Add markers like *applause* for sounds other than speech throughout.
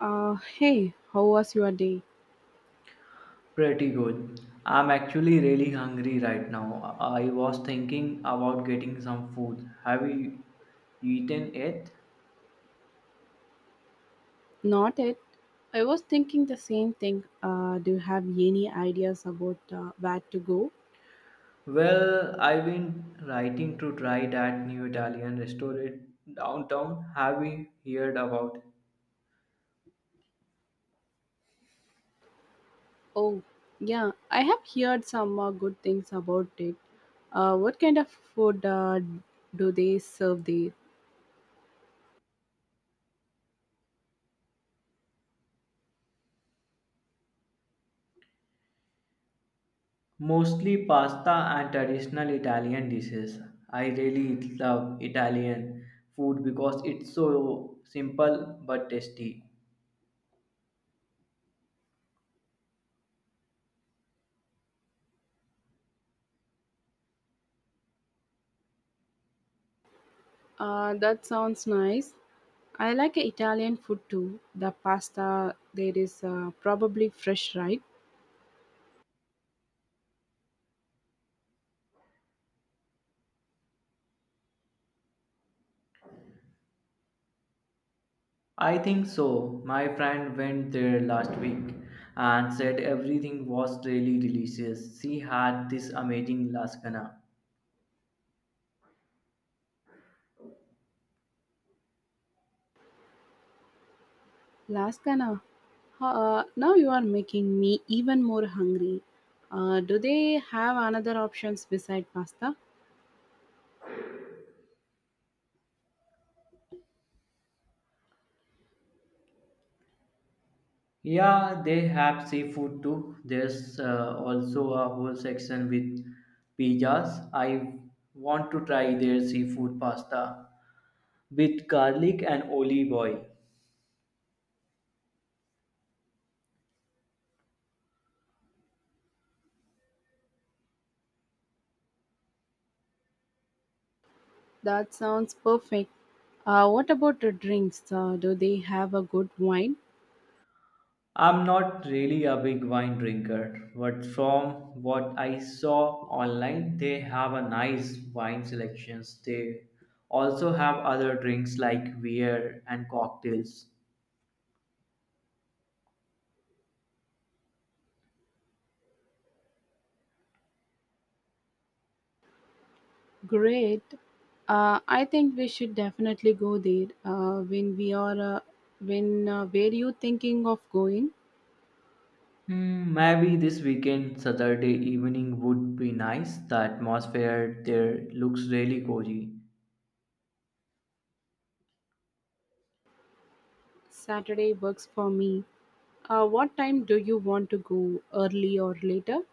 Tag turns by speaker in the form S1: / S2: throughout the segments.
S1: Hey, how was your day?
S2: Pretty good. I'm actually really hungry right now. I was thinking about getting some food. Have you eaten it?
S1: Not it. I was thinking the same thing. Do you have any ideas about where to go?
S2: Well, I've been writing to try that new Italian restaurant downtown. Have you heard about it?
S1: Oh, yeah, I have heard some good things about it. What kind of food do they serve there?
S2: Mostly pasta and traditional Italian dishes. I really love Italian food because it's so simple but tasty.
S1: That sounds nice. I like Italian food too. The pasta there is probably fresh, right?
S2: I think so. My friend went there last week and said everything was really delicious. She had this amazing lasagna.
S1: Lasagna. Now you are making me even more hungry. Do they have another options beside pasta?
S2: Yeah, they have seafood too. There's also a whole section with pizzas. I want to try their seafood pasta with garlic and olive oil.
S1: That sounds perfect. What about the drinks? Do they have a good wine?
S2: I'm not really a big wine drinker, but from what I saw online, they have a nice wine selections. They also have other drinks like beer and cocktails.
S1: Great. I think we should definitely go there. When we are, when Were you thinking of going?
S2: Hmm, maybe this weekend, Saturday evening would be nice. The atmosphere there looks really cozy.
S1: Saturday works for me. What time do you want to go? Early or later?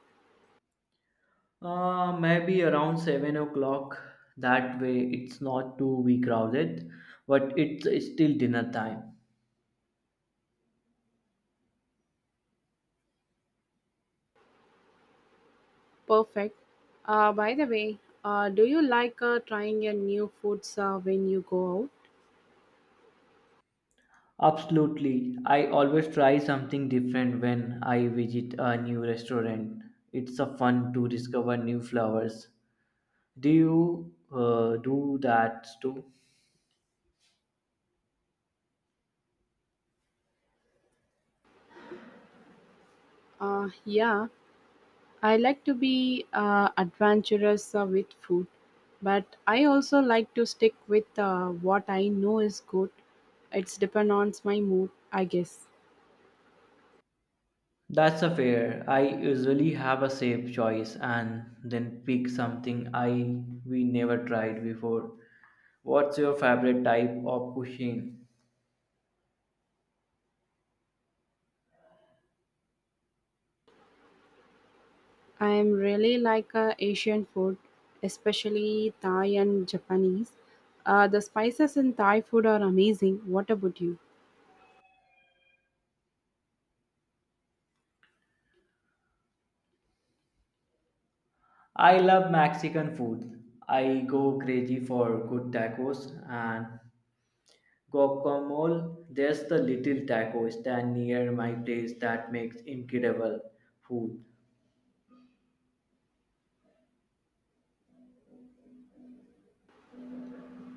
S2: Maybe around 7 o'clock. That way, it's not too be crowded, but it's still dinner time.
S1: Perfect. By the way, do you like trying new foods when you go out?
S2: Absolutely. I always try something different when I visit a new restaurant. It's a fun to discover new flavors. Do you do that too?
S1: Yeah, I like to be adventurous with food, but I also like to stick with what I know is good. It's depend on my mood, I guess.
S2: That's a fair. I usually have a safe choice and then pick something I we never tried before. What's your favorite type of cuisine?
S1: I am really like Asian food, especially Thai and Japanese. The spices in Thai food are amazing. What about you?
S2: I love Mexican food. I go crazy for good tacos and guacamole. There's the little taco stand near my place that makes incredible food.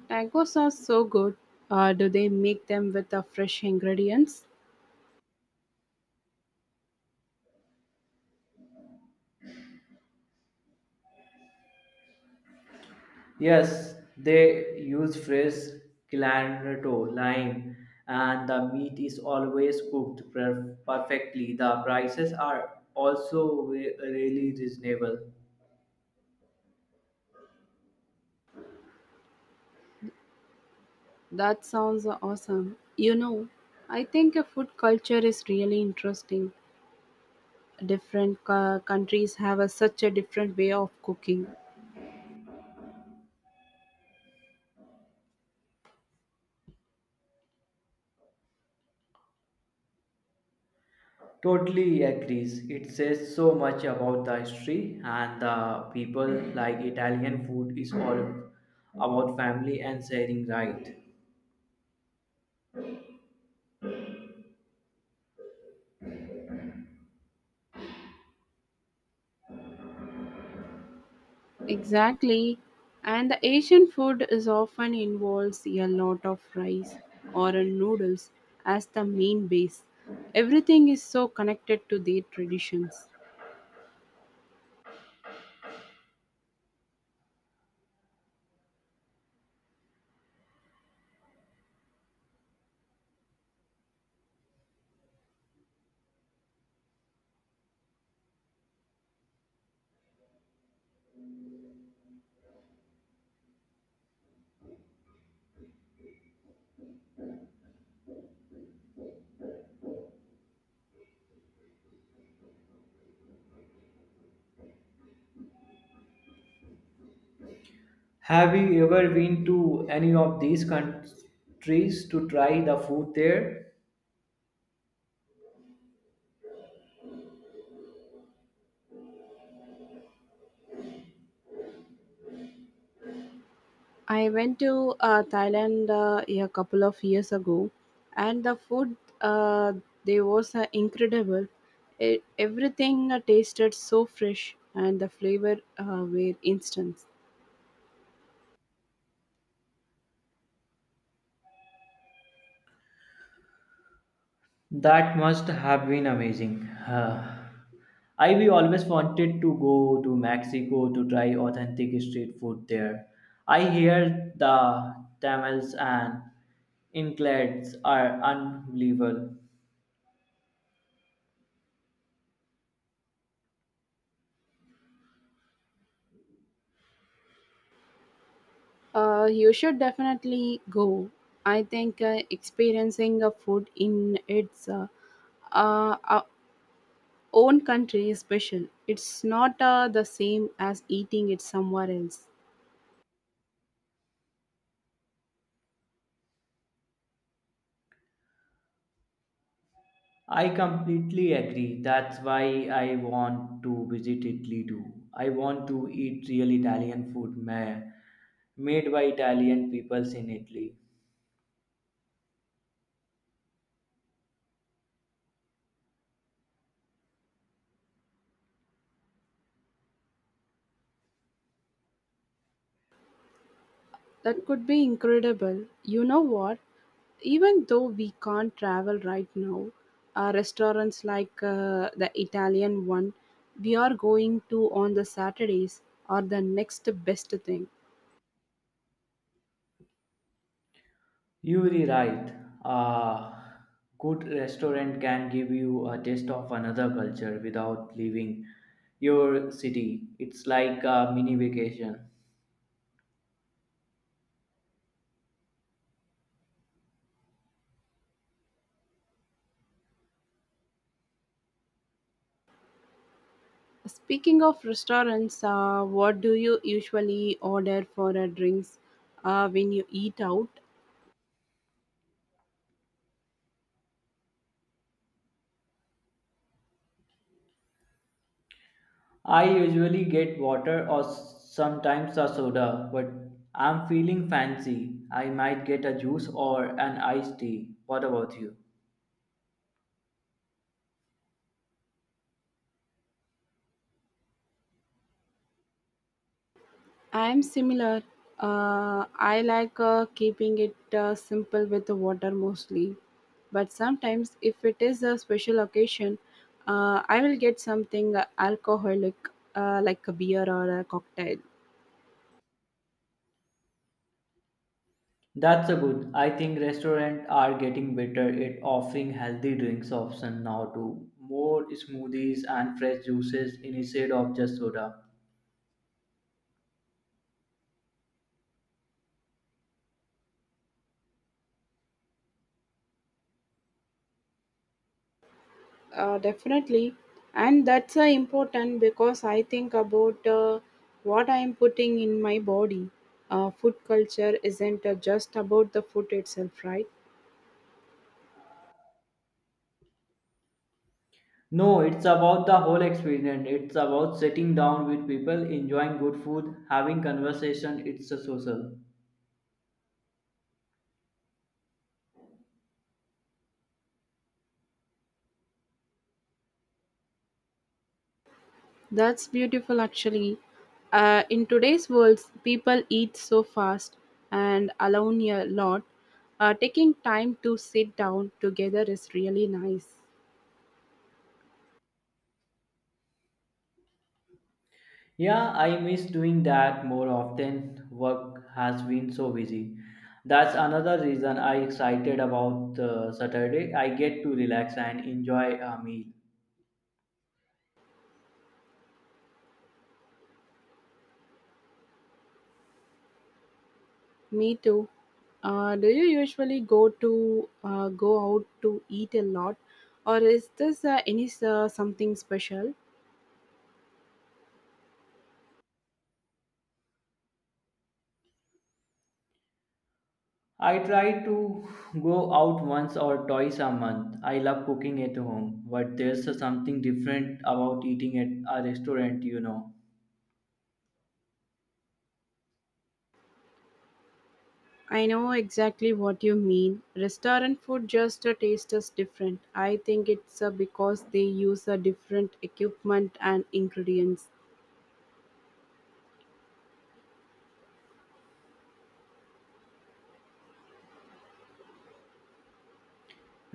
S1: Tacos are so good. Do they make them with the fresh ingredients?
S2: Yes, they use fresh cilantro, lime, and the meat is always cooked perfectly. The prices are also really reasonable.
S1: That sounds awesome. You know, I think a food culture is really interesting. Different countries have a, such a different way of cooking.
S2: Totally agrees. It says so much about the history and the people. Like Italian food is all about family and sharing, right?
S1: Exactly. And the Asian food is often involves a lot of rice or noodles as the main base. Everything is so connected to their traditions.
S2: Have you ever been to any of these countries to try the food there?
S1: I went to Thailand a couple of years ago, and the food uh, there was incredible. Everything tasted so fresh, and the flavor were instant.
S2: That must have been amazing. *sighs* I we always wanted to go to Mexico to try authentic street food there. I hear the tamales and inclades are unbelievable.
S1: You should definitely go. I think experiencing a food in its uh, uh, own country is special. It's not the same as eating it somewhere else.
S2: I completely agree. That's why I want to visit Italy too. I want to eat real Italian food made by Italian peoples in Italy.
S1: That could be incredible. You know what? Even though we can't travel right now, restaurants like the Italian one we are going to on the Saturdays are the next best thing.
S2: You're right. A good restaurant can give you a taste of another culture without leaving your city. It's like a mini vacation.
S1: Speaking of restaurants, what do you usually order for drinks when you eat out?
S2: I usually get water or sometimes a soda, but I'm feeling fancy. I might get a juice or an iced tea. What about you?
S1: I'm similar. I like keeping it simple with the water mostly, but sometimes if it is a special occasion, I will get something alcoholic like a beer or a cocktail.
S2: That's a good. I think restaurants are getting better at offering healthy drinks option now too. More smoothies and fresh juices instead of just soda.
S1: Definitely, and that's important because I think about what I am putting in my body. Food culture isn't just about the food itself, right?
S2: No, it's about the whole experience. It's about sitting down with people, enjoying good food, having conversation. It's a social.
S1: That's beautiful, actually. In today's world, people eat so fast and alone a lot. Taking time to sit down together is really nice.
S2: Yeah, I miss doing that more often. Work has been so busy. That's another reason I excited about Saturday. I get to relax and enjoy a meal.
S1: Me too. Do you usually go out to eat a lot, or is this any something special?
S2: I try to go out once or twice a month. I love cooking at home, but there's something different about eating at a restaurant, you know.
S1: I know exactly what you mean. Restaurant food just tastes different. I think it's because they use a different equipment and ingredients.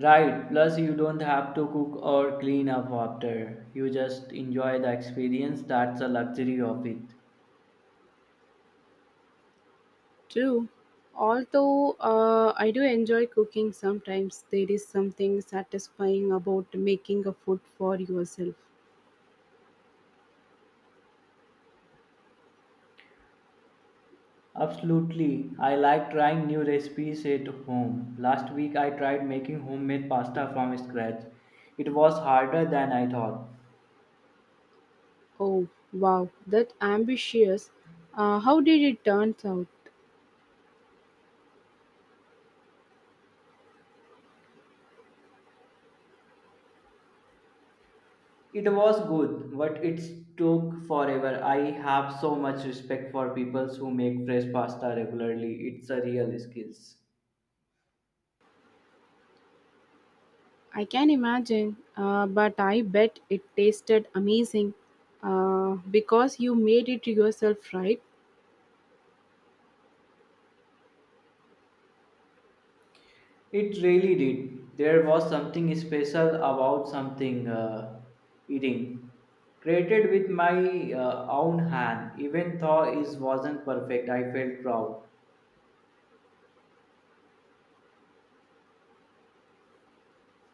S2: Right, plus you don't have to cook or clean up after. You just enjoy the experience. That's a luxury of it.
S1: True. Although I do enjoy cooking sometimes, there is something satisfying about making a food for yourself.
S2: Absolutely. I like trying new recipes at home. Last week I tried making homemade pasta from scratch. It was harder than I thought.
S1: Oh, wow, that ambitious. How did it turn out?
S2: It was good, but it took forever. I have so much respect for people who make fresh pasta regularly. It's a real skills.
S1: I can imagine, but I bet it tasted amazing because you made it yourself, right?
S2: It really did. There was something special about something eating created with my own hand. Even though it wasn't perfect, I felt proud.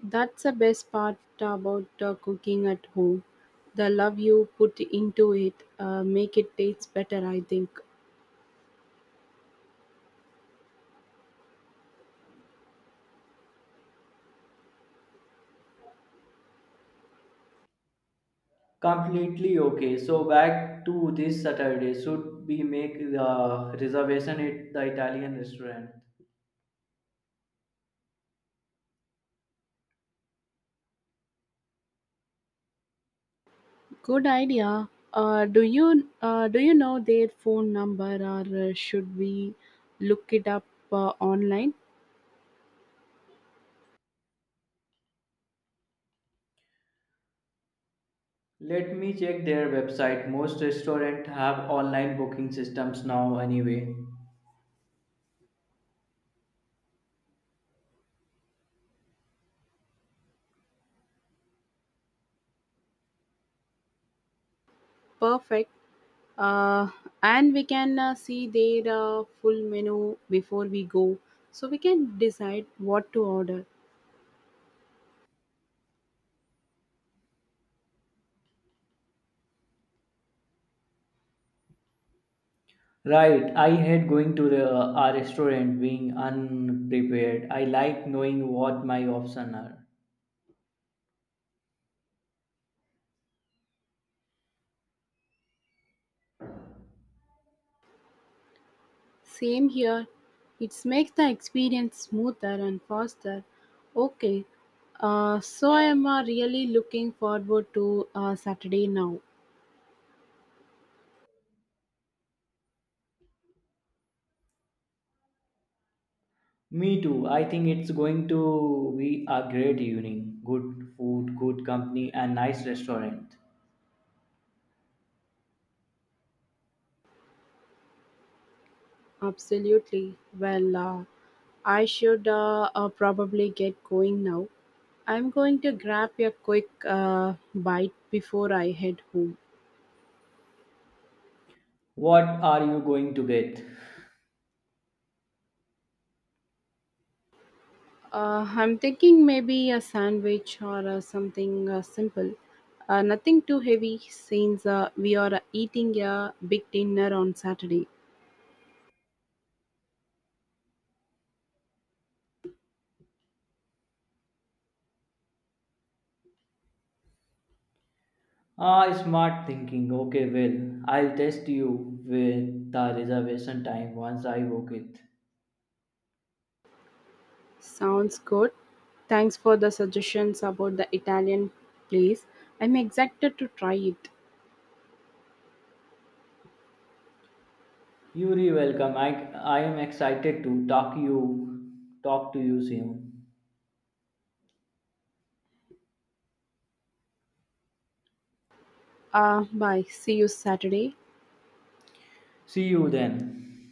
S1: That's the best part about cooking at home. The love you put into it make it taste better, I think.
S2: Completely okay. So back to this Saturday. Should we make the reservation at the Italian restaurant?
S1: Good idea. Do you know their phone number, or should we look it up online?
S2: Let me check their website. Most restaurants have online booking systems now anyway.
S1: Perfect. Uh, and we can see their full menu before we go, so we can decide what to order.
S2: Right, I hate going to the, a restaurant being unprepared. I like knowing what my options are.
S1: Same here. It makes the experience smoother and faster. Okay. So I am really looking forward to Saturday now.
S2: Me too. I think it's going to be a great evening. Good food, good company, and nice restaurant.
S1: Absolutely. Well, I should probably get going now. I'm going to grab a quick bite before I head home.
S2: What are you going to get?
S1: I'm thinking maybe a sandwich or something simple. Nothing too heavy since we are eating a big dinner on Saturday.
S2: Ah, smart thinking. Okay, well, I'll test you with the reservation time once I book it.
S1: Sounds good. Thanks for the suggestions about the Italian place. I'm excited to try it.
S2: Yuri, welcome. I am excited to talk to you soon.
S1: Bye. See you Saturday.
S2: See you then.